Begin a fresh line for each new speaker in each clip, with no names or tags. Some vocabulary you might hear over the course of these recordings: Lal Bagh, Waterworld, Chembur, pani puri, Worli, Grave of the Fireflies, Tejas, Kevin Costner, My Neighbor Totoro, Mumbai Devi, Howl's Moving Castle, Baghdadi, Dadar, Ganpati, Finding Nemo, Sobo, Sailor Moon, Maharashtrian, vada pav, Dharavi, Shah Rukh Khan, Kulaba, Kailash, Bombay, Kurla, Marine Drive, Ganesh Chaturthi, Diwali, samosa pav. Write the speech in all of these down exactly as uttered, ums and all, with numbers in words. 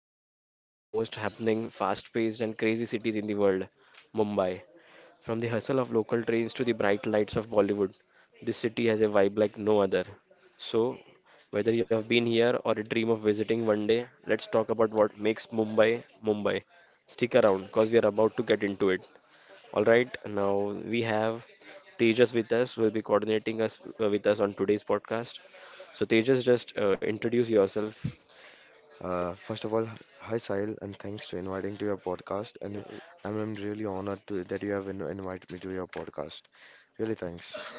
driving into one of the most happening, fast paced, and crazy cities in the world, Mumbai. From the hustle of local trains to the bright lights of Bollywood, this city has a vibe like no other. So, whether you have been here or dream of visiting one day, let's talk about what makes Mumbai Mumbai. Stick around because we are about to get into it. All right, now we have Tejas with us, will be coordinating us uh, with us on today's podcast. So Tejas, just uh, introduce yourself.
Uh, first of all, hi Sahil, and thanks to inviting to your podcast. And I'm, I'm really honored to, that you have in, invited me to your podcast. Really thanks.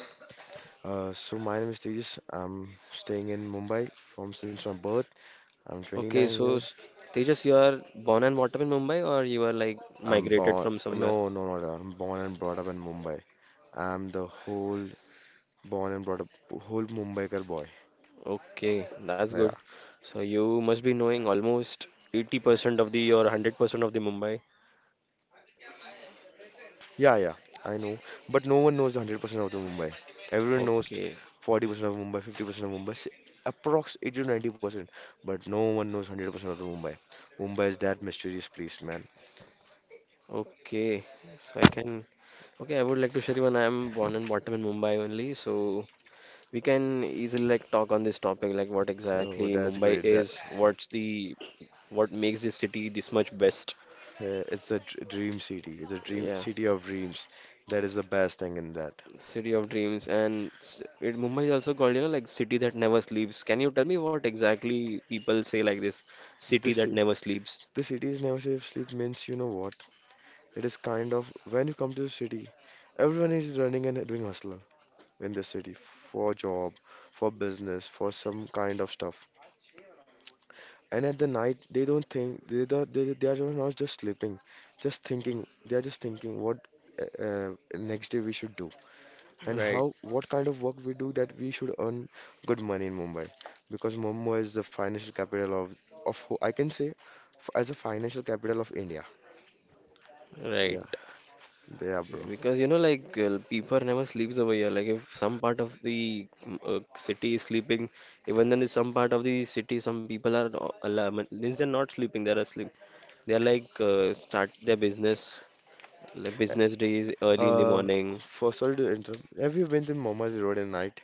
Uh, so my name is Tejas. I'm staying in Mumbai from since my birth. I'm
Okay,
twenty-nine
so
years.
s- Tejas, you are born and brought up in Mumbai, or you are like
I'm
migrated
born.
from somewhere?
No, no, no, no, I'm born and brought up in Mumbai. I'm the whole born and brought up whole Mumbaikar boy.
Okay, that's
Yeah.
good. So you must be knowing almost eighty percent of the, or one hundred percent of the Mumbai.
Yeah, yeah, I know. But no one knows one hundred percent of the Mumbai. Everyone knows t-
Okay,
forty percent of Mumbai, fifty percent of Mumbai, say, approx eighty to ninety percent. But no one knows one hundred percent of the Mumbai. Mumbai is that mysterious place, man.
okay. So I can. Okay, I would like to share you when I am born and brought up in Mumbai only. So we can easily like talk on this topic, like what exactly
Oh, that's
Mumbai
great. That
is, what's the what makes this city this much best.
uh, It's a dr- dream city. It's a dream
Yeah,
city of dreams. That is the best thing in that.
city of dreams, and s- it, Mumbai is also called, you know, like city that never sleeps. Can you tell me what exactly people say like this, city
This
that
ci-
never sleeps?
the city is never safe sleep, means you know what? It is kind of when you come to the city, everyone is running and doing hustle. In the city for job, for business, for some kind of stuff. And at the night, they don't think they don't, they, they are just not just sleeping, just thinking. They are just thinking what uh, uh, next day we should do, and
Right,
how what kind of work we do that we should earn good money in Mumbai because Mumbai is the financial capital of of who- I can say, f- as a financial capital of India.
right.
Yeah, yeah, bro.
Because you know, like uh, people never sleeps over here. Like if some part of the mm, uh, city is sleeping, even then in some part of the city, some people are no- alarm. Means they're not sleeping; they're asleep. They're like uh, start their business, like business days early in the
Uh,
morning.
for Sorry to interrupt. Have you been to Mumbai Road at night?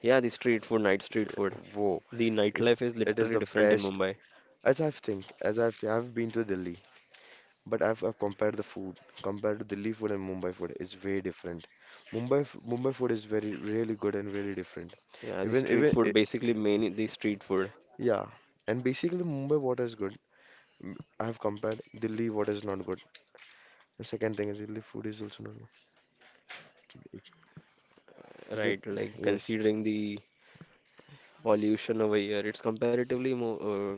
Yeah, the street food, night street food.
Whoa,
The
it's,
nightlife is
it is
literally
the
different in
best.
Mumbai.
As I've think, as I've seen, I've been to Delhi, but I've, I've compared the food compared to Delhi food and Mumbai food. It's very different. Mumbai f- Mumbai food is very really good and really different.
Yeah, the
Even
street
even I
food basically main the street food,
Yeah, and basically Mumbai water is good. Mm, I've compared Delhi water is not good. The second thing is Delhi food is also not good. the-
right? Like
yes,
considering the pollution over here, it's comparatively more uh,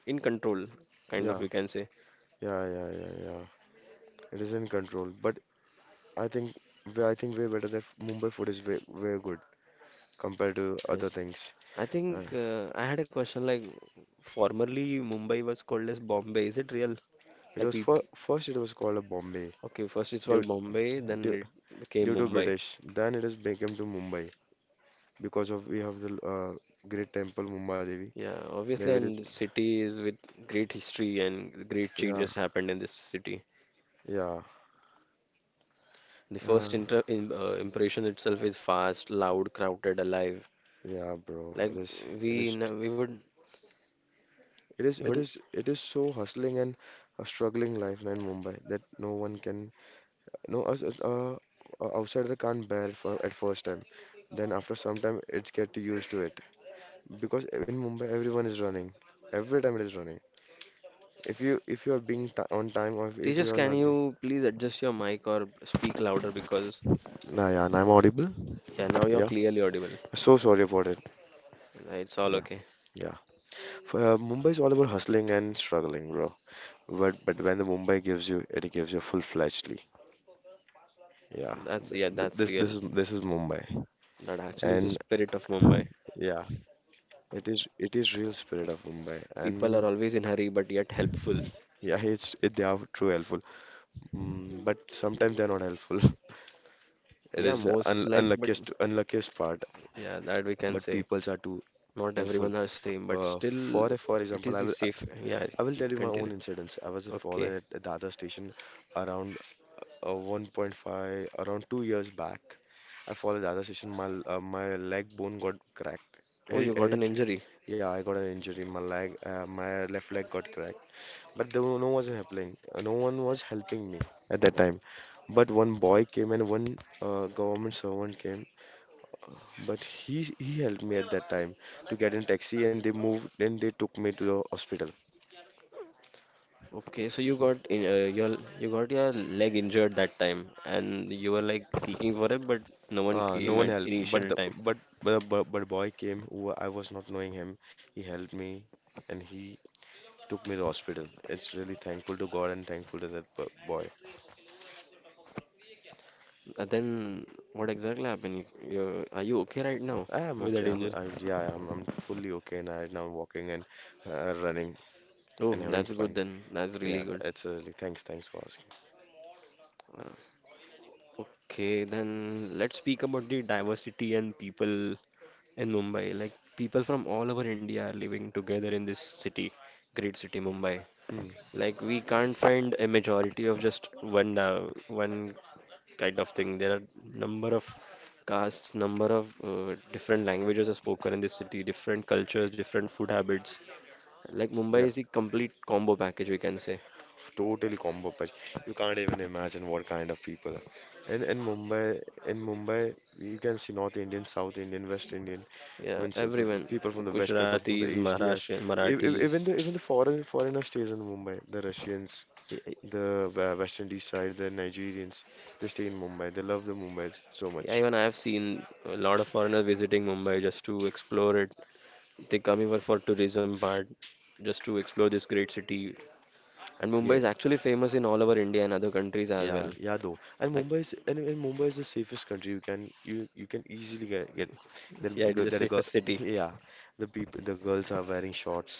in control, kind of
yeah,
we can say.
yeah, yeah, yeah, yeah. It is in control, but I think we- I think way better that Mumbai food is way way good compared to
Yes.
other things.
I
Uh,
think uh, I had a question like formerly Mumbai was called as Bombay. Is it real?
It
Like
was
we
for, first it was called a Bombay
okay, first it's
due,
called Bombay, then
due,
it became
due to
Mumbai.
British. Then it has become to Mumbai because of we have the uh, great temple Mumbai Devi.
Yeah, obviously,
There it is.
and the city is with great history and great
Yeah,
changes happened in this city.
yeah,
The
uh,
first inter in, uh, impression itself is fast, loud, crowded, alive.
yeah, bro.
Like
It is.
we
It is. t-
n- we would
It
we
is. It
would
is. It is so hustling and a struggling life in Mumbai that no one can. No, us us- uh, uh, outsider can't bear for at first time. Then after some time, it's get used to it because in Mumbai everyone is running. Every time it is running. If you if you are being ti on time or if
Tejas,
you are
can
not being.
you please adjust your mic or speak louder because
Nah, yeah, and I'm audible.
yeah, now you're
Yeah.
clearly audible.
So sorry about it.
Uh, It's all
Yeah.
okay.
Yeah. For, uh, Mumbai is all about hustling and struggling, bro. But but when the Mumbai gives you, it gives you full-fledgedly. Yeah.
That's,
Th
yeah,
th
that's
this this
real.
is This is Mumbai.
That actually is the
And
spirit of Mumbai.
yeah, it is it is real spirit of Mumbai.
People are
And
always in hurry, but yet helpful.
yeah, it's it, they are true helpful. Mm, but sometimes they're not helpful. It
Yeah,
is
most
un
like, but
unluckiest unluckiest part.
yeah, that we can
But
say.
peoples are too
Not
helpful.
everyone are same, but
Uh,
still,
for a, for
it
example,
is
I
the
will I,
safe. Yeah,
I will tell you my own
continue.
incidents. I was
Okay.
fallen at a Dadar station around uh, one point five, around two years back. I fall at Dadar station. My l- uh, my leg bone got cracked.
Oh,
Herit-
you got an
herit-
injury.
yeah, I got an injury in my leg. Uh, my left leg got cracked. But there were no one was helping. uh, No one was helping me at that time. But one boy came and one uh, government servant came, but he he helped me at that time to get in taxi, and they moved and they took me to the hospital.
Okay, so you got in, uh, your you got your leg injured that time, and you were like seeking for it, but no one
Uh, no
came
one
at
helped, but
initial
the
time.
but but but, but boy came who I was not knowing him. He helped me, and he took me to the hospital. It's really thankful to God and thankful to that bo- boy.
And then what exactly happened? You, you, are you okay right now
I am
with
okay.
that
I'm,
injury?
I'm Yeah. I'm I'm fully okay and right now. I'm walking and uh, running
Oh,
and having
that's good
fun.
then. That's really
Yeah,
good.
it's really thanks. Thanks for asking.
Uh, okay, then let's speak about the diversity and people in Mumbai. Like people from all over India are living together in this city, great city, Mumbai.
Hmm.
Like we can't find a majority of just one da- one kind of thing. There are number of castes, number of uh, different languages are spoken in this city, different cultures, different food habits. Like
Yeah.
Mumbai is a complete combo package, we can say.
Totally combo patch. You can't even imagine what kind of people are. And in Mumbai, in Mumbai, you can see North Indian, South Indian, West Indian. I
Yeah,
mean, so f-
everyone,
people from the West, people from the
Gujaratis,
East, yes.
Maharashtrian,
E- e- Even
Marathis.
the even the foreign foreigner stays in Mumbai. The Russians,
y- y-
the uh, West Indies side, the Nigerians, they stay in Mumbai. They love the Mumbai so much.
Yeah, even I have seen a lot of foreigners visiting Mumbai just to explore it. They come here for tourism part, just to explore this great city. And Mumbai is actually famous in all over India and other countries as
Yeah,
well.
yeah, though. And
Like,
Mumbai is and, and Mumbai is the safest country. You can you you can
s-
easily get get
yeah, it is
that
the
that a girl.
safest city.
Yeah, the people the girls are wearing shorts.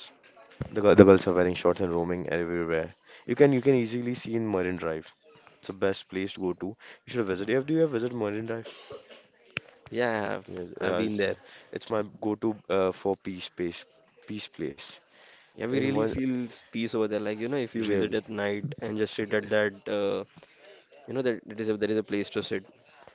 The girl, the girls are wearing shorts and roaming everywhere. You can you can easily see in Marine Drive. It's the best place to go to. You should visit. Have Do you have visit Marine Drive?
Yeah, I've
Yeah,
I've
yeah,
been
it's,
there.
it's my go-to uh, for peace place. Peace place.
Yeah, we
In
really
one
feel s- peace over there. Like, you know, if you visit
Really.
at night and just sit at that, uh, you know, that it is a, there is a place to sit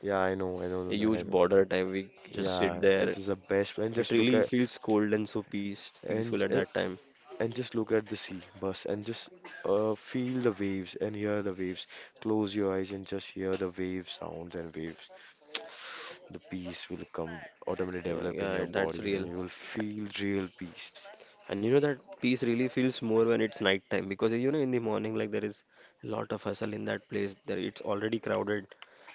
Yeah, I know, I know, I
a
know. I
huge
know.
border type. We just sit
Yeah, it
there.
is the best. And
It
just look
really
at
feels cold and so peace,
and
peaceful at that time.
and just look at the sea, bus, and just uh, feel the waves and hear the waves. Close your eyes and just hear the wave sounds and waves. The peace will come, automatically
Yeah,
develop in
yeah,
your
that's
body, and
real.
you will feel real peace.
And you know that peace really feels more when it's night time because you know in the morning like there is a lot of hustle in that place. There it's already crowded,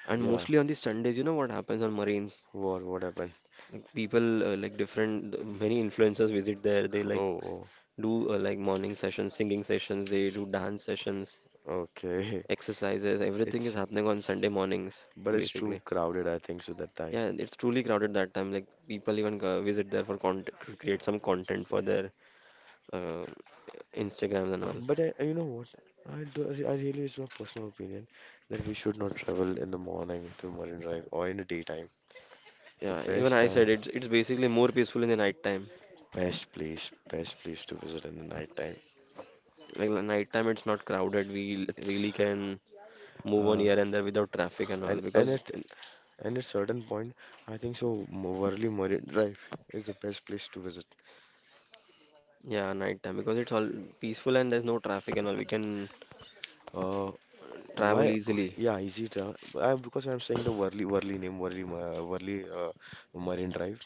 and
Yeah,
mostly on the Sundays, you know what happens on Marines?
what what happened?
Like people uh, like different many influencers visit there. They like s-
Oh,
do uh, like morning sessions, singing sessions. They do dance sessions,
okay.
exercises, everything is
It's
happening on Sunday mornings,
But it's too
basically.
crowded, I think, so that
Yeah,
time.
and it's truly crowded that time. Like people even go- visit there for content, to create some content for their uh, Instagrams and all.
But I, you know what? I do, I really, It's my personal opinion that we should not travel in the morning to Marine Drive or in the daytime. The
Yeah, even
best
I
time.
said it's it's basically more peaceful in the night time.
Best place, best place to visit in the night time.
Like the night time, it's not crowded. We
It's
really can move on
uh
here and there without traffic and all
and and
because
at
in-
And at certain point, I think so. Mo- Worli Marine Drive is the best place to visit.
yeah, night time because it's all peaceful and there's no traffic and all. We can
Uh,
travel
why?
easily.
Yeah, easy to. I, because I'm saying the Worli Worli name Worli Ma- Worli uh, Marine Drive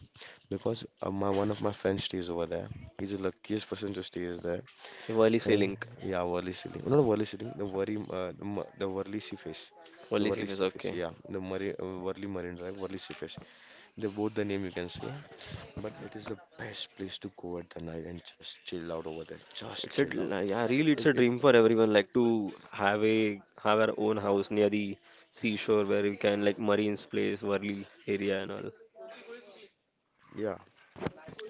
because uh, my one of my friends stays over there. He's the luckiest person to stay is there.
Okay, Worli Sea
And
Link,
yeah, Worli Ceiling. Not Worli Ceiling. The Worli uh, the, Ma- the Worli Sea Face. The
Worli
Worli
Sea is
Sea Face.
okay.
Yeah, the Marine uh, Worli Marine Drive, Worli Sea. They both the name you can say, but it is the best place to go at the night and just chill out over there. Just
It's a d-
chill out.
like, yeah, really it's
It,
a
it
dream for everyone like to have a have our own house near the seashore where we can like Marine's Place, Worli area and all.
Yeah.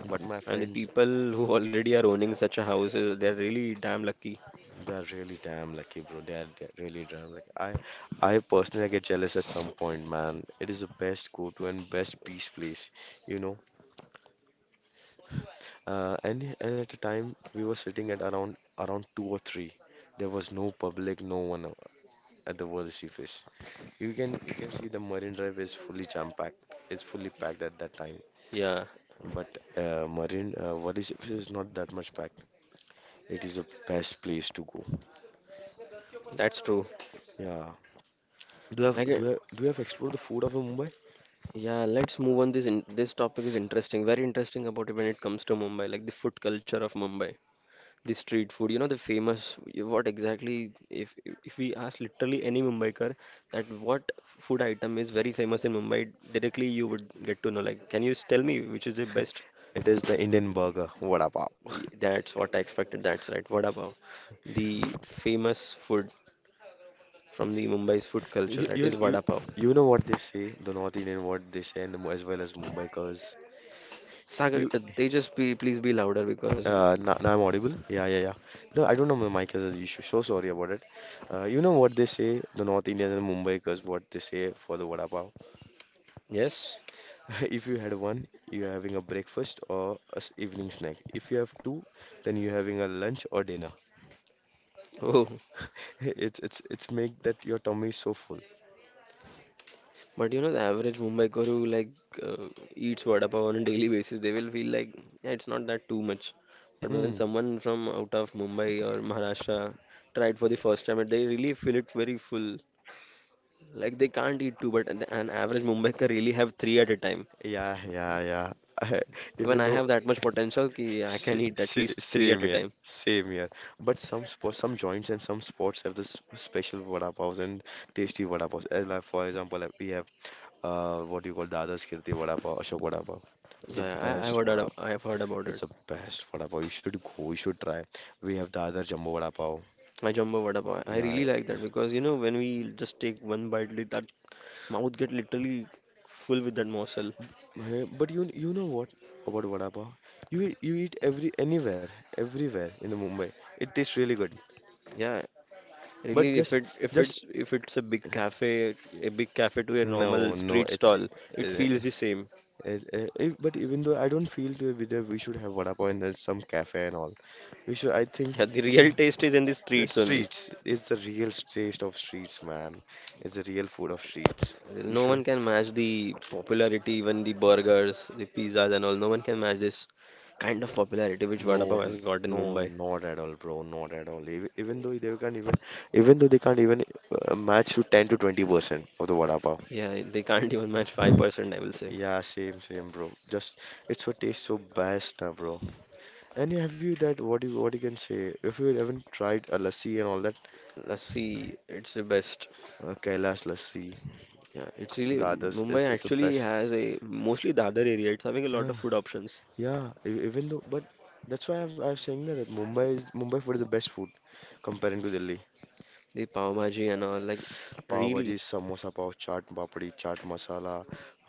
But my
And the
friends,
people who already are owning such a house, uh, they're really damn lucky.
they are really damn lucky, bro. They are, they are really damn lucky. I I personally get jealous at some point, man. It is the best go-to and best peace place, you know. Uh, and and at the time we were sitting at around around two or three. There was no public, no one uh, at the World Seaface. You can you can see the Marine Drive is fully jam-packed. It's fully packed at that time.
Yeah,
But uh, Marine uh, Valley's is not that much packed. It is the best place to go.
that's true.
Yeah. Do you have
Like, uh,
do you have, do you have explored the food of the Mumbai?
yeah, let's move on. This in, this topic is interesting, very interesting about it when it comes to Mumbai, like the food culture of Mumbai. The street food, you know, the famous, what exactly, if if we ask literally any Mumbaikar that what food item is very famous in Mumbai, directly you would get to know. Like, can you s- tell me which is the best?
It is the Indian burger, vada pav.
Y- that's what I expected. That's right, vada pav, the famous food from the Mumbai's food culture.
You,
That
you
is
you
vada pav.
you know what they say, the North Indian what they say, and the, Mu- as well as Mumbaikars.
Sagar,
You
uh, they just be please be louder because
uh, now, Now I'm audible. Yeah, yeah, yeah. No, I don't know my mic has an issue. So sorry about it. Uh, you know what they say, the North Indian and Mumbaikars, what they say for the vada pav.
yes.
If you had one, you're having a breakfast or a s- evening snack. If you have two, then you're having a lunch or dinner.
Oh.
It's it's it's make that your tummy is so full.
But you know, the average Mumbaikar who like uh, eats vada pav on a daily basis, they will feel like yeah, it's not that too much. But when
Hmm.
someone from out of Mumbai or Maharashtra tried for the first time, they really feel it very full. Like they can't eat two, but an an average Mumbaikar really have three at a time.
Yeah, yeah, yeah.
Even
even
I
though
have that much potential ki I
sa
can eat at
sa
least three at
Same
a
here,
time.
same here. But some sports, some joints and some sports have this special vada paws and tasty vada paws. Uh, Like for example, like we have uh what do you call Dada's Kirti vada pav, Ashok vada pav. It's
Yeah,
the
yeah, I, I've
best
heard,
vada
ab- I've heard about
It's
it.
the best vada pav. You should go. You should try. We have the other jumbo vada pav.
My jumbo vada pav. I
Yeah,
really like that because you know when we just take one bite, like, that mouth get literally full with that morsel.
eh, but you you know what about vada pav? You eat- you eat every anywhere, everywhere in the Mumbai. It tastes really good.
Yeah,
But
really, if
just
it if
just
it's if it's a big cafe, a big cafe to a normal
no, no.
street
It's
stall, it
eh, eh,
feels the same.
eh, eh, but even though I don't feel to be there, we should have vada pav in uh, some cafe and all. We should. I think
Yeah, the
we should.
real taste is in the
The
streets only.
streets is the real taste of streets, man. It's the real food of streets.
Well,
We
no
should
one can match the popularity, even the burgers, the pizzas, and all. No one can match this kind of popularity which Vada
No,
Pav
n-
has got in
no,
Mumbai.
not at all, bro. Not at all. Even, even though they can't even, even though they can't even uh, match to ten to twenty percent of the vada pav.
Yeah, they can't even match five percent, I will say.
Yeah, same, same, bro. Just it's what tastes so best, uh, bro. And yeah, have you that? What you what you can say? If you haven't tried a lassi and all that,
Lassi, it's the best.
uh, Kailash lassi,
Yeah, it's really
the others,
Mumbai
it's it's the
actually
best.
has a mostly Dadar area. It's having a lot of
Yeah,
food options.
yeah. e- Even though, but that's why I've I've saying that, that Mumbai is Mumbai food is the best food comparing to Delhi.
The pav bhaji and all, like
Pav
really.
bhaji, samosa pav, chaat papdi, chaat masala,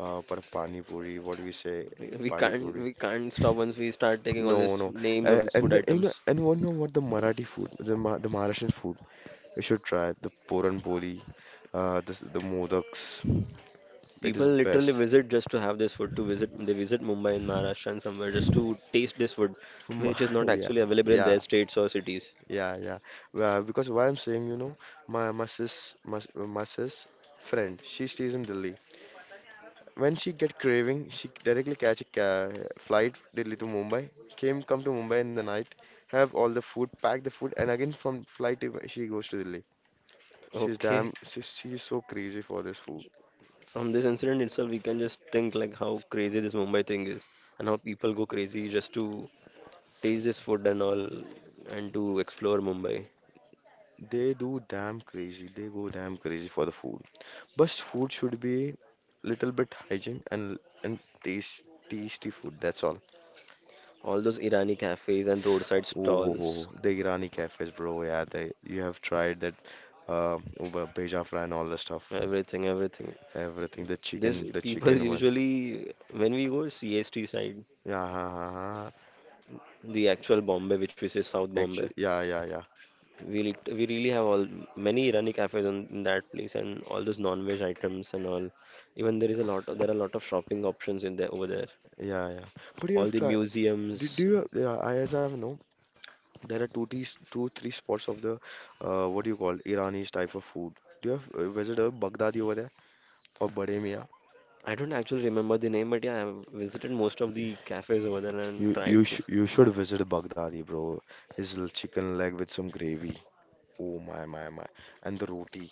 uh, but pani puri, what do we say?
We we
Pani
can't
puri.
we can't stop once we start taking all these
No, no.
names of
Uh,
these food
and the, you know,
items.
and one know what the Marathi food, the Ma the Maharashtrian food, you should try the Puran Poli, uh, the s- the modaks. It
People
is
literally
best.
visit just to have this food to visit they visit Mumbai and Maharashtra and somewhere just to taste this food,
Um,
which is not
yeah,
actually available in
yeah,
their states or cities.
yeah, yeah. Uh, because why I'm saying, you know, my my sis, my s- my sis friend, she stays in Delhi. When she get craving, she directly catch a ca flight directly to Mumbai. Came come to Mumbai in the night, have all the food, pack the food, and again from flight to- she goes to Delhi. She's damn,
Okay.
she's, she's so crazy for this food.
From this incident itself, we can just think like how crazy this Mumbai thing is and how people go crazy just to taste this food and all and to explore Mumbai.
They do damn crazy. They go damn crazy for the food. But food should be little bit hygiene and and taste tasty food. That's all.
All those Irani cafes and roadside
Oh, ho,
stalls,
ho. The Irani cafes, bro. Yeah, they you have tried that uh, Uber, Beja fry and all the stuff.
everything, everything.
Everything, the
This
chicken, the
people
chicken one.
usually when we go C S T side,
Yeah,
the actual Bombay, which we say South Bombay,
actually, yeah, yeah, yeah,
we lit- we really have all many Irani cafes on, in that place and all those non-veg items and all. Even there is a lot of, there are a lot of shopping options in there over there.
yeah, yeah. But you
All
have
the
tried. Do, do
museums.
you? Yeah, I as I've known, there are two, tea, two, three spots of the, uh, what do you call Irani type of food. Do you have uh, visited Baghdadi over there or Bademia?
I don't actually remember the name, but yeah, I've visited most of the cafes over there and
You you
tried. The,
sh you should visit Baghdadi, bro. His l- chicken leg with some gravy. Oh my my my, and the roti.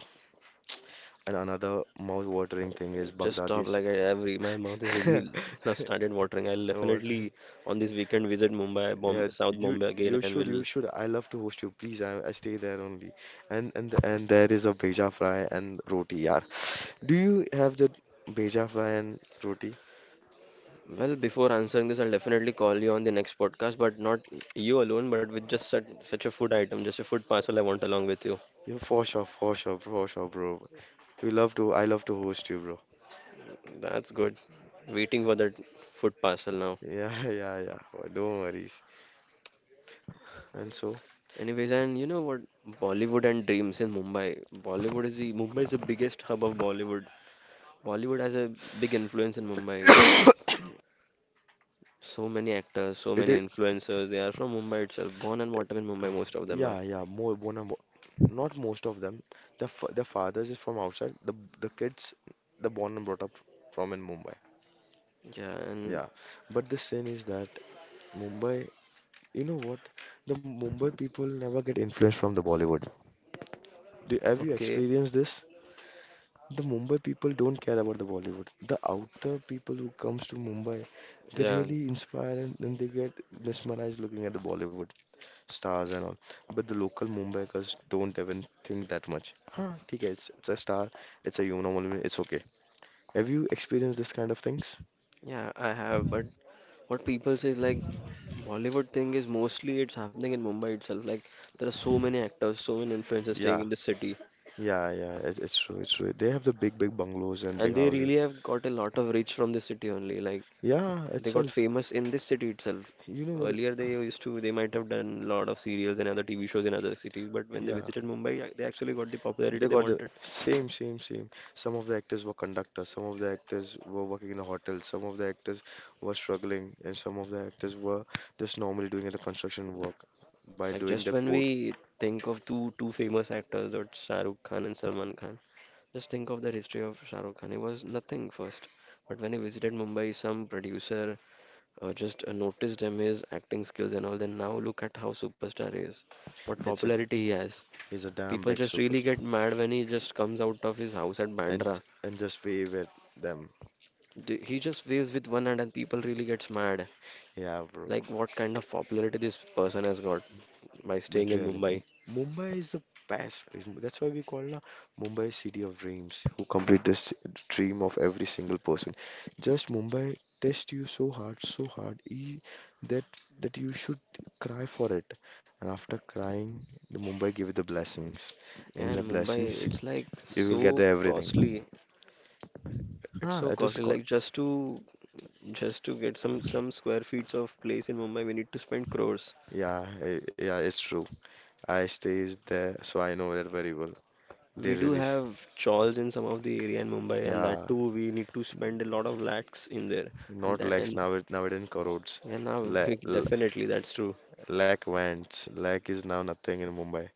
And another mouth-watering thing is
just stop
Baghdadi's.
like I, every my mouth is really now started watering. I'll
What?
definitely on this weekend visit Mumbai, Bomb,
Yeah,
South
you
Bombay again,
you
and
should you
will
should. I love to host you. Please, I, I stay there only. And and and there is a beja fry and roti. Yeah, do you have the beja fry and roti?
well, before answering this, I'll definitely call you on the next podcast, but not you alone, but with just such, such a food item, just a food parcel I want along with you.
Yeah, for sure, for sure, for sure, bro. We love to. I love to host you, bro.
That's good. Waiting for that food parcel now.
Yeah, yeah, yeah. Don't worries. And so
Anyways, and you know what? Bollywood and dreams in Mumbai. Bollywood is the Mumbai is the biggest hub of Bollywood. Bollywood has a big influence in Mumbai. So many actors, so
it
many
is.
influencers. They are from Mumbai itself, born and brought up in Mumbai. Most of them are.
Yeah, yeah. More one and more. Not most of them. The fa the fathers is from outside. The the kids, the born and brought up from in Mumbai.
Yeah, and
Yeah, but the sin is that Mumbai. You know what? The Mumbai people never get influenced from the Bollywood. Do, have you
okay,
experienced this? The Mumbai people don't care about the Bollywood. The outer people who comes to Mumbai, they
yeah,
really inspire and, then they get mesmerized looking at the Bollywood stars and all. But the local Mumbaikars don't even think that much. Huh, okay, it's, it's a star, it's a human, normal, it's okay. Have you experienced this kind of things?
yeah. I have, but what people say is like Bollywood thing is mostly it's happening in Mumbai itself. Like there are so many actors, so many influencers staying
Yeah,
in this city,
yeah, yeah. It's, it's true. It's true. They have the big, big bungalows and big
and they
houses.
really have got a lot of reach from this city only. Like
Yeah,
they got
itself.
famous in this city itself.
You know what?
Earlier they used to, they might have done a lot of serials and other T V shows in other cities, but when they
Yeah,
visited Mumbai, uh, they actually got the popularity
they
they
got the
wanted.
same, same, same. Some of the actors were conductors, some of the actors were working in a hotel, some of the actors were struggling, and some of the actors were just normally doing the construction work. By
Like
doing
just
that
when
port,
we think of two two famous actors, that's Shah Rukh Khan and Salman Khan. Just think of the history of Shah Rukh Khan. He was nothing first, but when he visited Mumbai, some producer uh, just uh, noticed him, his acting skills and all. Then now look at how superstar he is, what
it's a
popularity he has.
he's a damn
People
big
just really
superstar,
get mad when he just comes out of his house at
and
Bandra.
and just we were them.
The- He just waves with one hand, and people really gets mad.
Yeah, bro.
Like what kind of popularity this person has got by
But
staying in
really, M-
Mumbai.
Mumbai is a past place. M- That's why we call na Mumbai city of dreams, who complete this dream of every single person. Just Mumbai test you so hard, so hard, e- that that you should cry for it. And after crying, the Mumbai give you the blessings.
Yeah,
In the
in Mumbai,
blessings,
it's like
you will get the
so
everything.
costly. It's
Ah,
so
it is
costly.
called.
Like just to Just to get some some square feet of place in Mumbai, we need to spend crores.
Yeah, eh, yeah, it's true. I stays there, so I know that very well. They
We do
really, s-
have chawls in some of the area in Mumbai, and
yeah.
that too we need to spend a lot of lakhs in there. And
Not
that
lakhs
and
now it now it in crores.
Yeah, now
La, la,
definitely that's true.
lakh went. Lakh is now nothing in Mumbai.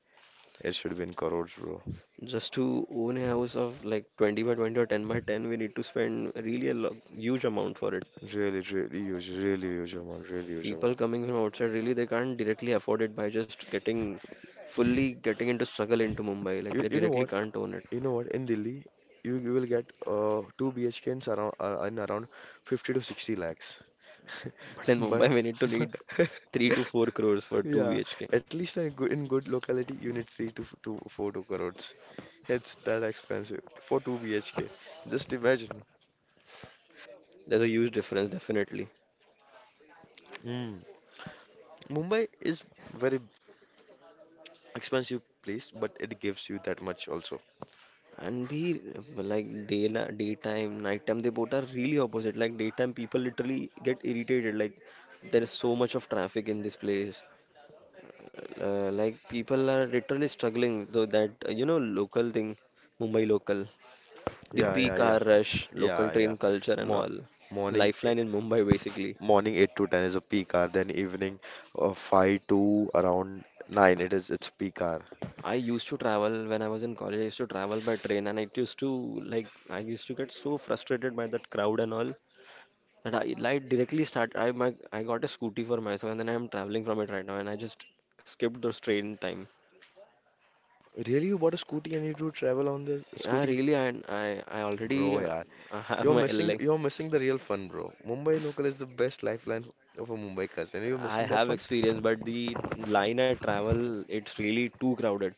It should be in crores, bro.
Just to own a house of like twenty by twenty or ten by ten, we need to spend really a lo- huge amount for it.
Really, really huge, really huge amount, really huge
People
amount.
coming from outside really they can't directly afford it by just getting fully getting into struggle into Mumbai. Like
You
they
you know
directly
what?
can't own it.
You know what? In Delhi, you, you will get uh two B H Ks around uh, in around fifty to sixty lakhs.
But in
But,
Mumbai, we need to
but
need three to four crores for two
yeah,
B H K.
at least in good in good locality, you need three to f- to four to crores. It's that expensive for two B H K. Just imagine.
There's a huge difference, definitely.
Hmm. Mumbai is very expensive place, but it gives you that much also.
And the like day daytime, nighttime, they both are really opposite. Like daytime, people literally get irritated. Like there is so much of traffic in this place. Uh, like people are literally struggling. Though that uh, you know local thing, Mumbai local, the
Yeah, yeah,
peak
yeah,
hour rush,
yeah,
local
yeah.
train culture and
Mo
all.
morning, eh,
Lifeline in Mumbai basically.
morning eight to ten is a peak hour. Then evening, uh, five to around nine, it is its peak hour.
I used to travel when I was in college. I used to travel by train, and it used to, like I used to get so frustrated by that crowd and all that I like directly start. I my I got a scooty for myself, and then I am traveling from it right now, and I just skipped the train time.
Really, you bought a scooty and you do travel on the
I
scooty,
really I I, I already
bro?
uh,
Yeah,
I have
you're
my
missing,
like
you're missing the real fun, bro. Mumbai local is the best lifeline of a Mumbaikars, and you're
I
missing that
have
fun.
experience, but the line I travel it's really too crowded.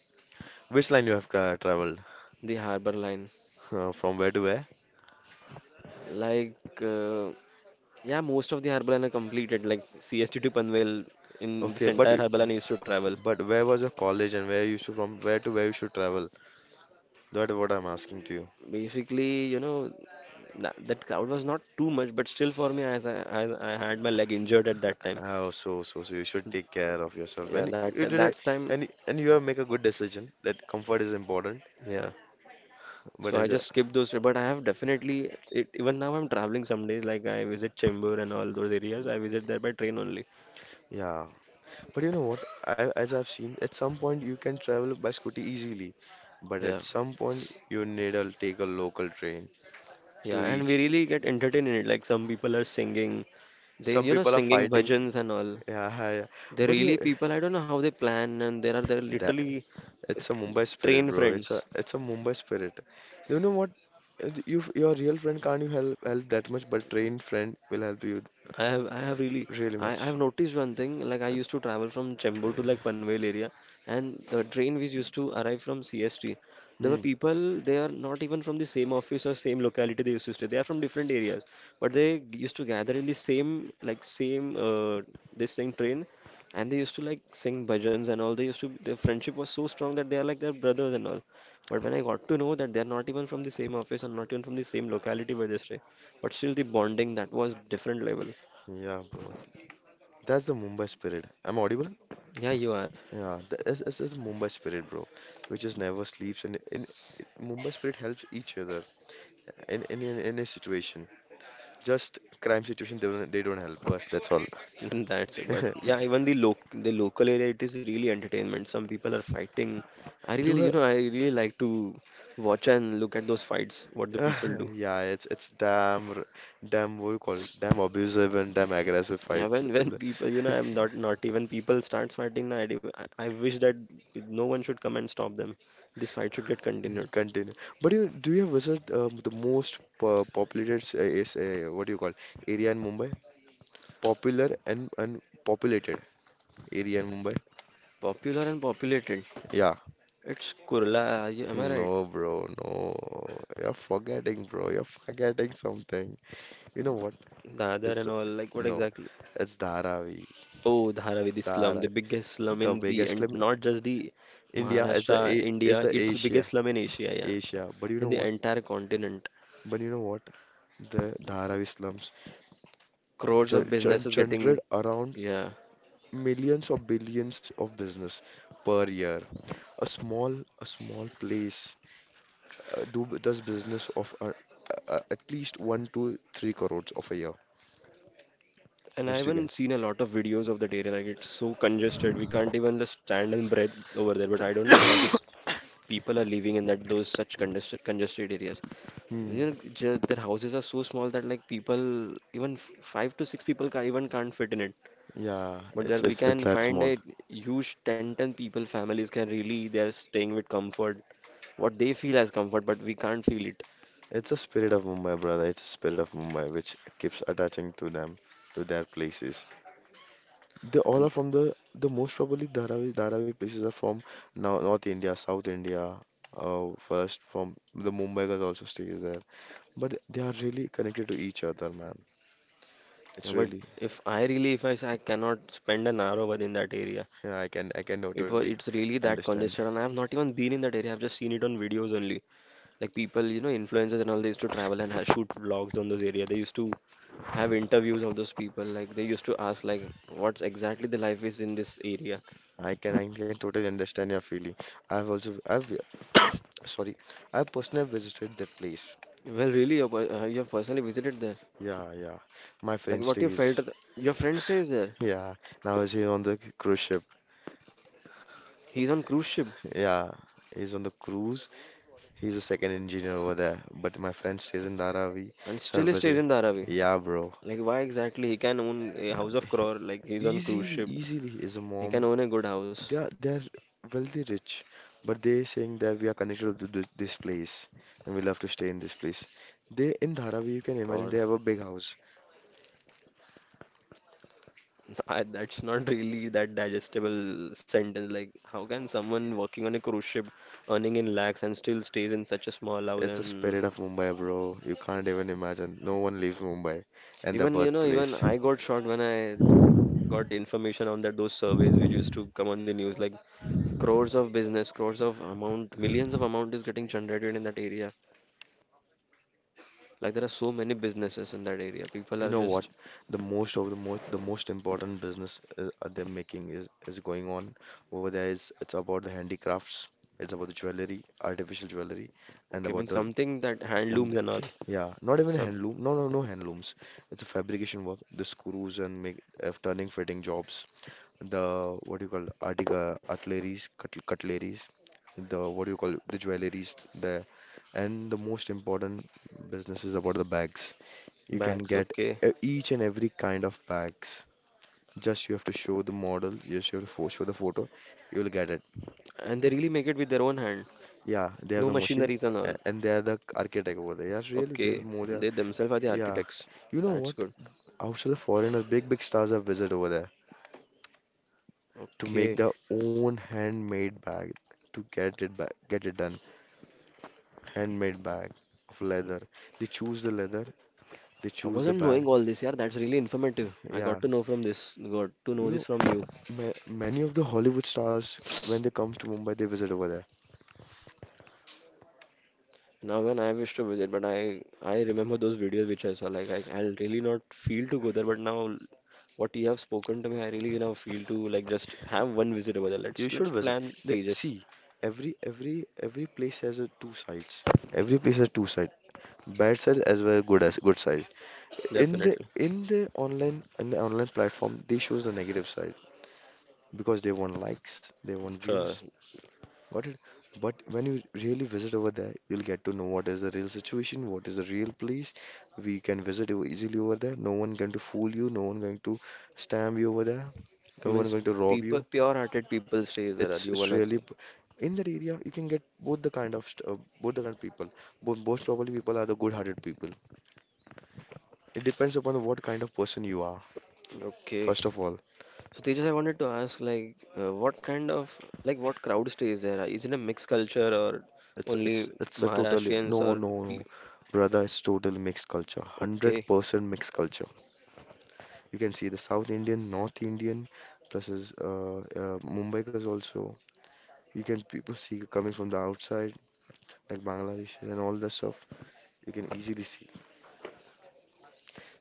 Which line you have tra traveled?
The harbor line,
Uh, from where to where?
like. Uh, Yeah, most of the Harbalana are completed, like C S T to Panvel in this
Okay, but
entire Harbalana used to travel.
But where was your college and where you should from where to where you should travel? That what I'm asking to you.
Basically, you know, that, that crowd was not too much, but still for me, as I, as I had my leg injured at that time.
Oh, so so so you should take care of yourself.
Yeah,
And you
that
you did a
that's time.
and you- and you have make a good decision that comfort is important.
Yeah. So
But
I
as a
just skipped those, but I have definitely it, even now I'm traveling some days. Like I visit Chembur and all those areas. I visit there by train only.
yeah, but you know what? I as I've seen at some point you can travel by scooty easily, but
Yeah,
at some point you need to take a local train to
yeah, and we
reach.
really get entertained in it. Like some people are singing, they
Some
you know
people are
singing
fighting.
bhajans and all.
Yeah, yeah.
They are
But you
really people, I don't know how they plan, and there are they are literally s-
it's a Mumbai spirit,
train
bro. It's a
friends.
it's a Mumbai spirit. You know what? Uh, You your real friend can't you help help that much, but trained friend will help you
I have I have really
really
I, I
much.
have noticed one thing, like I used to travel from Chembur to like Panvel area and the train which used to arrive from C S T, there were
Hmm.
people they are not even from the same office or same locality they used to stay, they are from different areas, but they used to gather in the same like same uh, this same train and they used to like sing bhajans and all, they used to, their friendship was so strong that they are like their brothers and all, but when I got to know that they are not even from the same office and not even from the same locality where they stay, but still the bonding, that was different level.
Yeah, bro. That's the Mumbai spirit. I'm audible?
Yeah, you are.
Yeah. That's that's, that's Mumbai spirit, bro. Which just never sleeps and in Mumbai spirit helps each other in in in any situation. Just crime situation they don't they don't help us. That's all.
That's it. But yeah, even the loc the local area, it is really entertainment. Some people are fighting. I really,
Do
you know, I really like to watch and look at those fights, what the people do.
Yeah, it's it's damn r- damn what do you call it? Damn abusive and damn aggressive
Yeah,
fights.
when when
In the-
people, you know, I'm not, not even people starts fighting. I do- I I wish that no one should come and stop them. This fight should get continued.
Continue. But you do you have visit um, the most po populated s- uh, is uh, what do you call area in Mumbai? Popular and and populated area in Mumbai?
Popular and populated.
Yeah.
It's Kurla, am I right?
No, bro, no. You're forgetting, bro. You're forgetting something. You know what?
Dadar
It's
and all. Like what
no.
exactly?
It's Dharavi.
Oh, Dharavi slum, the
Dharavi.
biggest slum
The
in the,
biggest
and
slim
not just the
India is the
Maharashtra,
A is
India,
the
it's the
Asia.
biggest slum in Asia, yeah,
Asia. But you
in
know
the
what?
entire continent.
But you know what? The Dharavi slums
Crores of
gen- gen-
businesses
generate
getting,
around
yeah.
millions or billions of business per year. A small, a small place uh, do does business of uh, uh, at least one to three crores of a year.
And I
Just you can.
haven't seen a lot of videos of that area. Like it's so congested, we can't even just stand and breathe over there. But I don't know how this people are living in that those such congested congested areas. You
Hmm.
know, ju- their houses are so small that like people even f- five to six people can even can't fit in it.
Yeah,
But there
it's
we
it's it's
can
that
find
small.
a huge ten ten people, families can really, they're staying with comfort, what they feel as comfort, but we can't feel it.
It's a spirit of Mumbai, brother. It's a spirit of Mumbai which keeps attaching to them, to their places. They all are
And
from the the most probably Dharavi Dharavi places are from now North India, South India. Uh, first from the Mumbai guys also stays there, but they are really connected to each other, man.
yeah,
It's
but
really
if I really, if I say I cannot spend an hour over in that area,
yeah. I can I can
it was,
totally
it's really that
understand.
congested. And I've not even been in that area, I've just seen it on videos only. Like people, you know, influencers and all, they used to travel and ha shoot vlogs on those area. They used to have interviews of those people. Like they used to ask, like, what's exactly the life is in this area.
I can I can totally understand your feeling. I've also I've sorry. I personally visited that place.
Well, really, uh, you have personally visited there.
Yeah, yeah. My
Like
friend
what you felt,
stays.
your friend stays there.
Yeah, now he's on the cruise ship.
He's on cruise ship
Yeah, he's on the cruise he's a second engineer over there, but my friend stays in Dharavi,
and
so I
still he stays
visit.
in Dharavi.
Yeah, bro.
Like why exactly? He can own a house of crore. Like he's on cruise
Easily,
ship.
easily is a
He can
mom.
own a good house.
They are they're wealthy rich, but they saying that we are connected to this, this place and we love to stay in this place. They in Dharavi, you can imagine they
God,
have a big house.
I, that's not really that digestible sentence. Like how can someone working on a cruise ship, earning in lakhs and still stays in such a small house?
It's the
And
spirit of Mumbai, bro. You can't even imagine. No one leaves Mumbai and their
even you know, even
birthplace.
I got shocked when I got information on that those surveys which used to come on the news. Like crores of business, crores of amount, millions of amount is getting generated in that area. Like there are so many businesses in that area. People
You
are
know what?
just
The most of the most the most important business is, uh, they're making is, is going on over there is it's about the handicrafts, it's about the jewelry, artificial jewelry, and
okay, I mean
about the
something that
and
handlooms and all,
yeah, not even
some
handloom. No, no, no handlooms. It's a fabrication work. The screws and make uh, turning fitting jobs. The what do you call article cutleries, cut- cutleries. The what do you call the jewelries there. And the most important business is about the bags. You can
bags,
get
okay.
uh, each and every kind of bags. Just you have to show the model, you show the, pho- show the photo, you will get it.
And they really make it with their own hand.
Yeah, they have
No
the machine
machineries and
a-
all.
and they are the architect over there. Yeah, really, they are
Okay.
more. Than-
They themselves are the
Yeah,
architects.
you know
That's
what?
good.
Outside the foreigners, big big stars have visit over there to make
Okay.
their own handmade bag to get it back, get it done. Handmade bag of leather. They choose the leather, they
I
choose the
wasn't
bag.
knowing all this, yeah. That's really informative. I
Yeah,
got to know from this, got to
you
know this
know,
from you.
ma many of the Hollywood stars when they come to Mumbai, they visit over there.
Now when I wish to visit, but I I remember those videos which I saw. Like I I'll really not feel to go there, but now what you have spoken to me, I really now feel to like just have one visit over there.
You
Let's
should
let's
visit.
plan,
The,
Tejas.
see, every every every place has a two sides. Every place has two sides. Bad sides as well good as good sides. In the
Definitely.
in the online in the online platform, they shows the negative side because they want likes, they want
Sure.
views. Got it? But when you really visit over there, you'll get to know what is the real situation, what is the real place. We can visit you easily over there. No one going to fool you, no one going to stamp you over there, no one
Means
going to rob
people,
you.
pure-hearted people stays there.
It's
Are You
it's
wanna
really
see?
p- in that area you can get both the kind of st- uh, both the kind of people. Bo- most probably people are the good-hearted people. It depends upon what kind of person you are.
Okay.
First of all,
So Tejas, I wanted to ask like uh, what kind of, like what crowd stays there? Is it a mixed culture or
it's
only
it's it's a totally
Maharashtrians
no
or
no
pe-
no, brother. It's total mixed culture. Hundred
okay?
percent mixed culture. You can see the South Indian, North Indian, plus is uh, uh, Mumbaikars also. You can people see coming from the outside, like Bangladesh and all that stuff. You can easily see.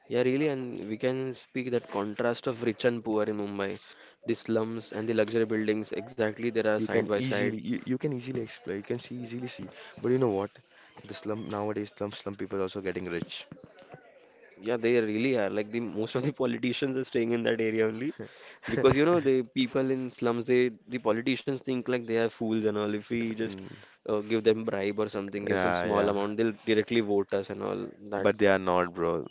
Yeah, really, and we can speak that contrast of rich and poor in Mumbai. The slums and the luxury buildings, exactly, they are
You
side
can
by side.
easily you, you can easily explore. You can see easily see. But you know what? The slum nowadays slum slum people also getting rich.
Yeah, they really are. Like the most of the politicians are staying in that area only, because you know the people in slums, they, the politicians think like they are fools and all. If we just
Mm,
uh, give them bribe or something, give some
yeah,
small
yeah.
amount, they'll directly vote us and all that.
But they are not, bro.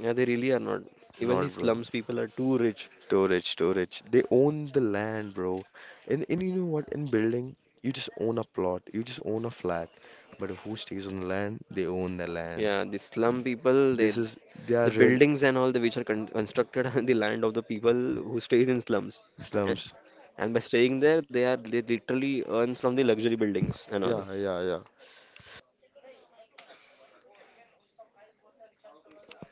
Yeah, they really are not. Even the
Not, bro.
slums people are too rich.
Too rich, too rich. They own the land, bro. And and you know what? In building, you just own a plot. You just own a flat. But who stays on the land? They own the land.
Yeah, the slum people, they,
This is they are
the
real
buildings and all the which are con constructed on the land of the people who stays in slums. A-
slums.
And by staying there, they are they literally earns from the luxury buildings and
Yeah,
all.
yeah, yeah.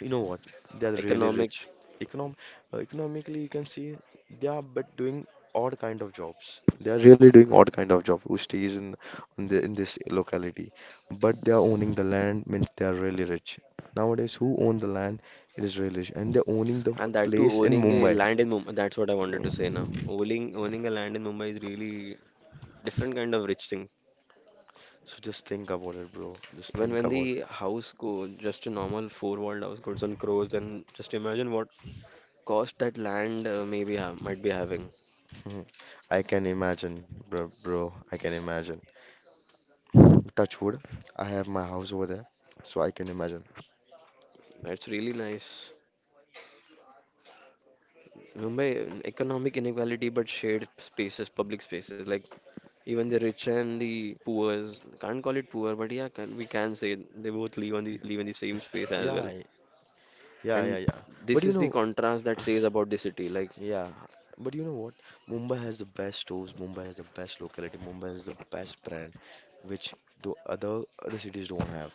You know what? They are really
Economic
rich. Econom uh, Economically, you can see they are but doing odd kind of jobs. They are really doing odd kind of job. Who stays in in, the, in this locality? But they are owning the land means they are really rich. Nowadays, who own the land? It is really rich, and they're owning the
and that too
place in
owning a
Mumbai.
land in Mumbai. That's what I wanted to say now. Owning owning a land in Mumbai is really different kind of rich thing.
So just think about it, bro. Just
Even
think
when
about it.
the house go, just a normal four-walled house goes on crores, then just imagine what cost that land uh, maybe ha might be having.
Mhm. I can imagine, bro, bro. I can imagine. Touch wood. I have my house over there, so I can imagine.
That's really nice. Mumbai, economic inequality, but shared spaces, public spaces, like even the rich and the poors, can't call it poor, but yeah, can, we can say they both live on the live in the same space as well.
Yeah, yeah, yeah,
And
yeah. But
this
you
is the
know,
contrast that says about the city, like
yeah. But you know what? Mumbai has the best stores. Mumbai has the best locality. Mumbai has the best brand, which the other other cities don't have.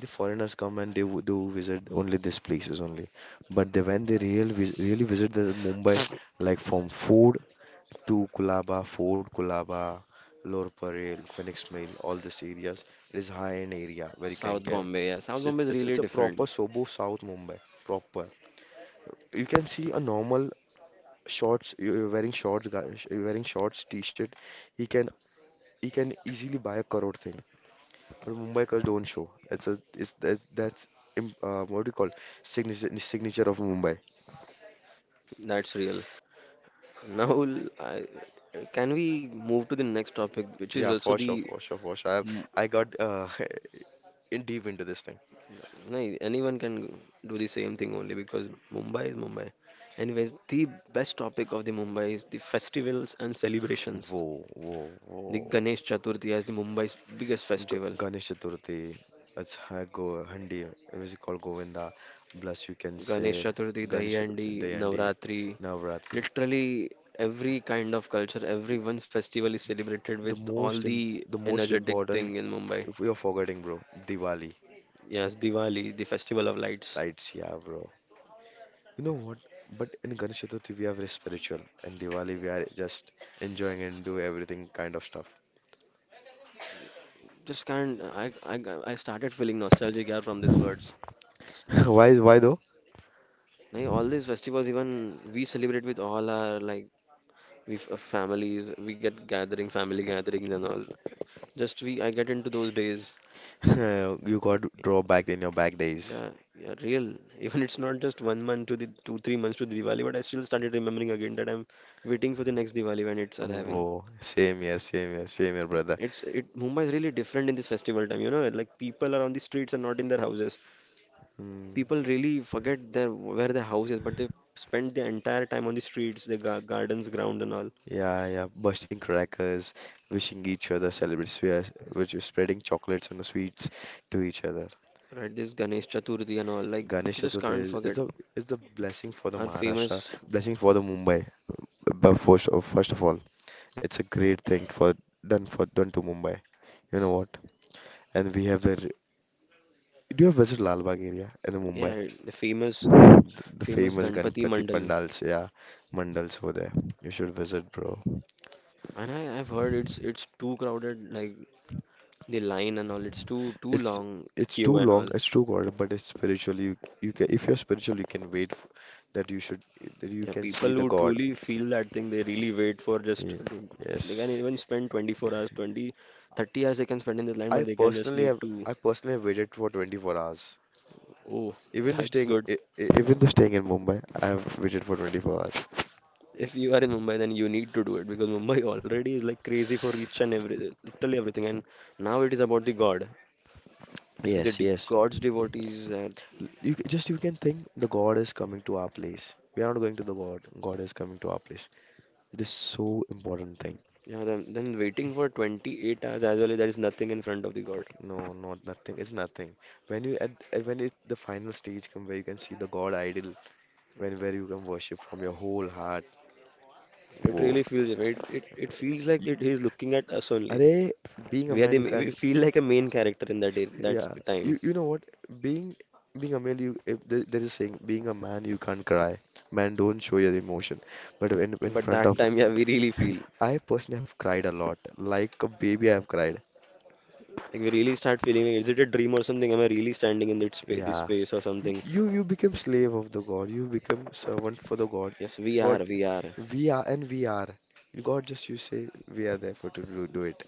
The foreigners come and they w- do visit only these places only. But they, when they real vis really visit the Mumbai, like from food to Kulaba, Fort Kulaba, Lower Parel, Phoenix Mill, all these areas, it is high-end area where you can
South
get.
Bombay. Yeah, South Bombay
It's
is
it's
really
it's a proper
different.
Sobo South Mumbai, proper you can see a normal shorts, you- wearing shorts, guys, wearing shorts, t-shirt, he can he can easily buy a crore thing. But Mumbaikars don't show. It's a it's that's that's im- uh, what do you call, signature signature of Mumbai.
That's real. Now, l- I, can we move to the next topic, which is
Yeah,
also
for sure,
the
for sure, for sure. I have,
m-
I got uh, in deep into this thing.
No, anyone can do the same thing only because Mumbai is Mumbai. Anyways, the best topic of the Mumbai is the festivals and celebrations.
Whoa, whoa,
The
whoa.
Ganesh Chaturthi as the Mumbai's biggest festival.
G Ganesh Chaturthi, अच्छा गो हंडी music call Govinda plus you can say
Ganesh Chaturthi,
Ganesh
Dahiyandi,
Dahihandi
Navratri,
Navratri
literally every kind of culture, everyone's festival is celebrated
the
with all
most im-
the
the most
energetic
important.
thing in Mumbai.
If we are forgetting, bro, Diwali,
Yes, Diwali, the festival of lights.
right? Yeah, bro. You know what? But in Ganesh Chaturthi, we are very spiritual, and Diwali, we are just enjoying and do everything kind of stuff.
Just can't. I I I started feeling nostalgic, yeah, from these words.
Why, why though?
Like all these festivals, even we celebrate with all our, like, with uh, families. We get gathering, family gatherings and all. Just we, I get into those days.
You got to draw back in your back days.
Yeah, yeah, real. Even it's not just one month to the two, three months to the Diwali, but I still started remembering again that I'm waiting for the next Diwali when it's arriving.
Whoa, same here, same here, same here, brother.
It's it Mumbai is really different in this festival time, you know, like people are on the streets and not in their houses.
Mm,
People really forget their where their house is, but they spend the entire time on the streets, the ga gardens, ground and all.
yeah, yeah, bursting crackers, wishing each other celebrates. We are, which is spreading chocolates and sweets to each other.
Right, this Ganesh Chaturthi and all, like we
Ganesh
c- just
Chaturthi
can't
is, is
forget
a is the blessing for the
our
Maharashtra,
famous,
blessing for the Mumbai. But first of, first of all, it's a great thing for done for done to Mumbai. You know what? And we have the. R- Do you have visited Lal Bagh area in Mumbai?
yeah, the famous, Gan-
The, the
famous
famous
Ganpati
Ganpati
Mandal.
Pandals, yeah, mandals over there. You should visit, bro.
And I, I've heard it's it's too crowded, like the line and all, it's too too
It's
long
it's
queue
too
and
long,
all.
it's too god, but it's spiritual. You you can if you're spiritual, you can wait f that you should that you
Yeah,
can
people
see the
who
God.
truly feel that thing, they really wait for just
Ye-
to- they can
Yes.
even spend twenty-four hours, twenty, thirty hours they can spend in the line, but
I
they can just
personally
need
have
to.
I personally have waited for twenty-four hours.
Oh,
Even though
that's
staying,
good.
e- e- even though staying in Mumbai, I have waited for twenty-four hours.
If you are in Mumbai, then you need to do it because Mumbai already is like crazy for each and every, literally everything. And now it is about the God. So the
Yes,
de
yes.
God's devotees, and
You c- just you can think the God is coming to our place. We are not going to the God. God is coming to our place. It is so important thing.
yeah, then, then waiting for twenty-eight hours as well, there is nothing in front of the God.
No, not nothing. It's nothing. When you at at- when it the final stage come where you can see the God idol, when where you can worship from your whole heart.
It
Whoa.
really feels, it, it, it feels
Y-
like it, he is looking at us only.
Arey, being a
We are the,
man, you
ma- we
can.
feel like a main character in that, day, that
Yeah,
time.
you you know what? Being being a male, you if there, there is a saying, being a man, you can't cry. Man, don't show your emotion. But when in
But
front
that
of,
time, yeah, we really feel.
I personally have cried a lot. Like a baby, I have cried.
Like we really start feeling like, is it a dream or something? Am I really standing in this space, this
Yeah,
space or
you
something?
you, you become slave of the God. You become servant for the God.
Yes, we are,
God,
we are.
we are and we are. God just you say we are there for to do, do it.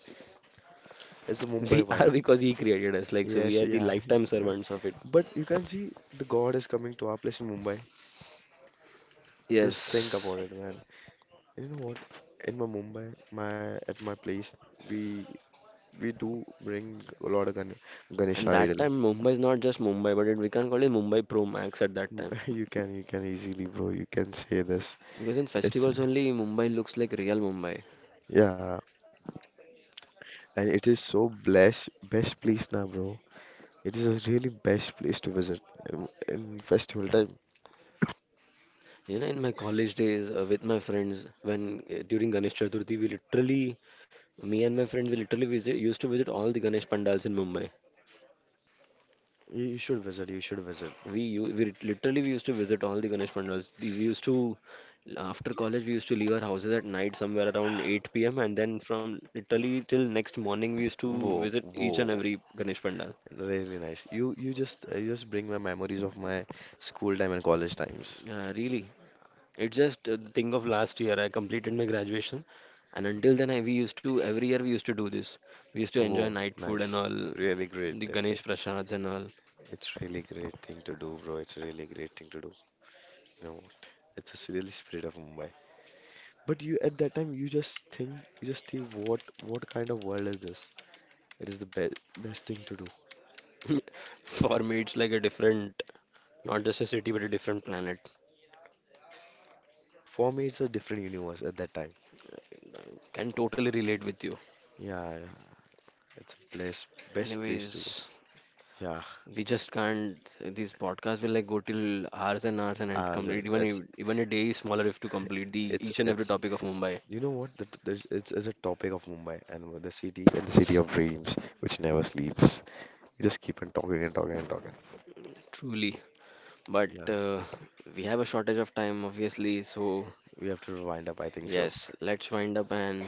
It's the Mumbai
We are
vibe.
because he created us, like, so we
Yes,
are the
yeah.
lifetime servants of it.
But you can see the God is coming to our place in Mumbai. Just think
Yes.
about it, man. You know what? In my Mumbai, my at my place, we we do bring a lot of Gan Ganesh
And that
idol.
time, Mumbai is not just Mumbai, but it, we can call it Mumbai Pro Max at that time.
You can you can easily, bro. You can say this.
Because in
It's
festivals only, Mumbai looks like real Mumbai.
Yeah, and it is so blessed best place now, bro. It is a really best place to visit in, in festival time.
You know, in my college days uh, with my friends, when uh, during Ganesh Chaturthi, we literally, me and my friends, we literally visit, used to visit all the Ganesh pandals in Mumbai.
You, you should visit. You should visit.
We, u- we literally we used to visit all the Ganesh mandals. The- We used to, after college we used to leave our houses at night somewhere around eight p m and then from literally till next morning we used to
Whoa,
visit each
whoa.
and every Ganesh pandal.
Really nice. You you just you just bring my memories of my school time and college times.
Uh, really, it's just uh, the thing of last year. I completed my graduation, and until then I we used to every year we used to do this. We used to enjoy
Whoa,
night food and
nice.
all,
Really great.
the
That's
Ganesh prasads and all.
It's really great thing to do, bro. It's a really great thing to do. You know, it's a really spirit of Mumbai. But you at that time you just think you just think what what kind of world is this? It is the best best thing to do.
For me, it's like a different, not just a city but a different planet.
For me, it's a different universe at that time.
I can totally relate with you.
Yeah, yeah. It's a place best place to go.
Anyways,
Yeah,
we just can't. These podcasts will like go till hours and hours and and
as a-
complete. Even
it's
a- even a day is smaller if to complete the
it's
each and every
it's
topic of Mumbai.
you know what? The, there's it's, it's a topic of Mumbai and with the city and the city of dreams which never sleeps. We just keep on talking and talking and talking.
Truly, but
Yeah,
uh, we have a shortage of time, obviously. So
we have to wind up. I think so.
yes, let's wind up and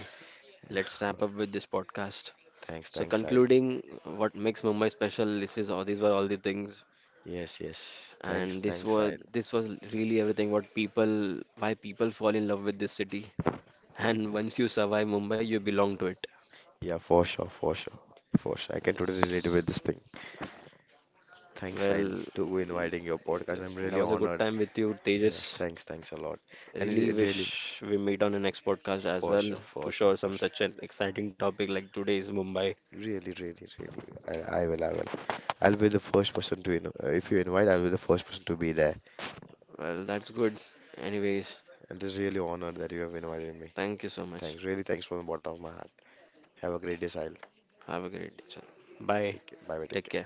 let's
Yeah.
wrap up with this podcast.
Thanks,
So
thanks, Sahil.
concluding, what makes Mumbai special? This is all. These were all the things.
Yes, yes.
And
Thanks,
this
thanks,
was
Sahil.
this was really everything. What people, why people fall in love with this city. And
Yeah,
once you survive Mumbai, you belong to it.
yeah, for sure, for sure, for sure. I can totally relate with
Yes.
this thing. Thanks, Sahil,
Well,
to inviting your podcast. I'm
yes, that
really
was a good
honored.
time with you,
Yeah,
Tejas.
thanks, thanks a lot. And it,
Really
it really,
wish we meet on the next podcast as
for
well
sure,
to
for sure,
share
for
some
sure.
such an exciting topic like today's Mumbai.
Really, really, really. I, I will, I will. I'll be the first person to, in, uh, if you invite, I'll be the first person to be there.
Well, that's good. Anyways,
And this is really honored that you have invited me.
thank you so much.
Thanks, really, thanks from the bottom of my heart. Have a great day, Sahil.
Have a great day, sir. Bye.
Take care. Bye, bye, take
Take
care.
care.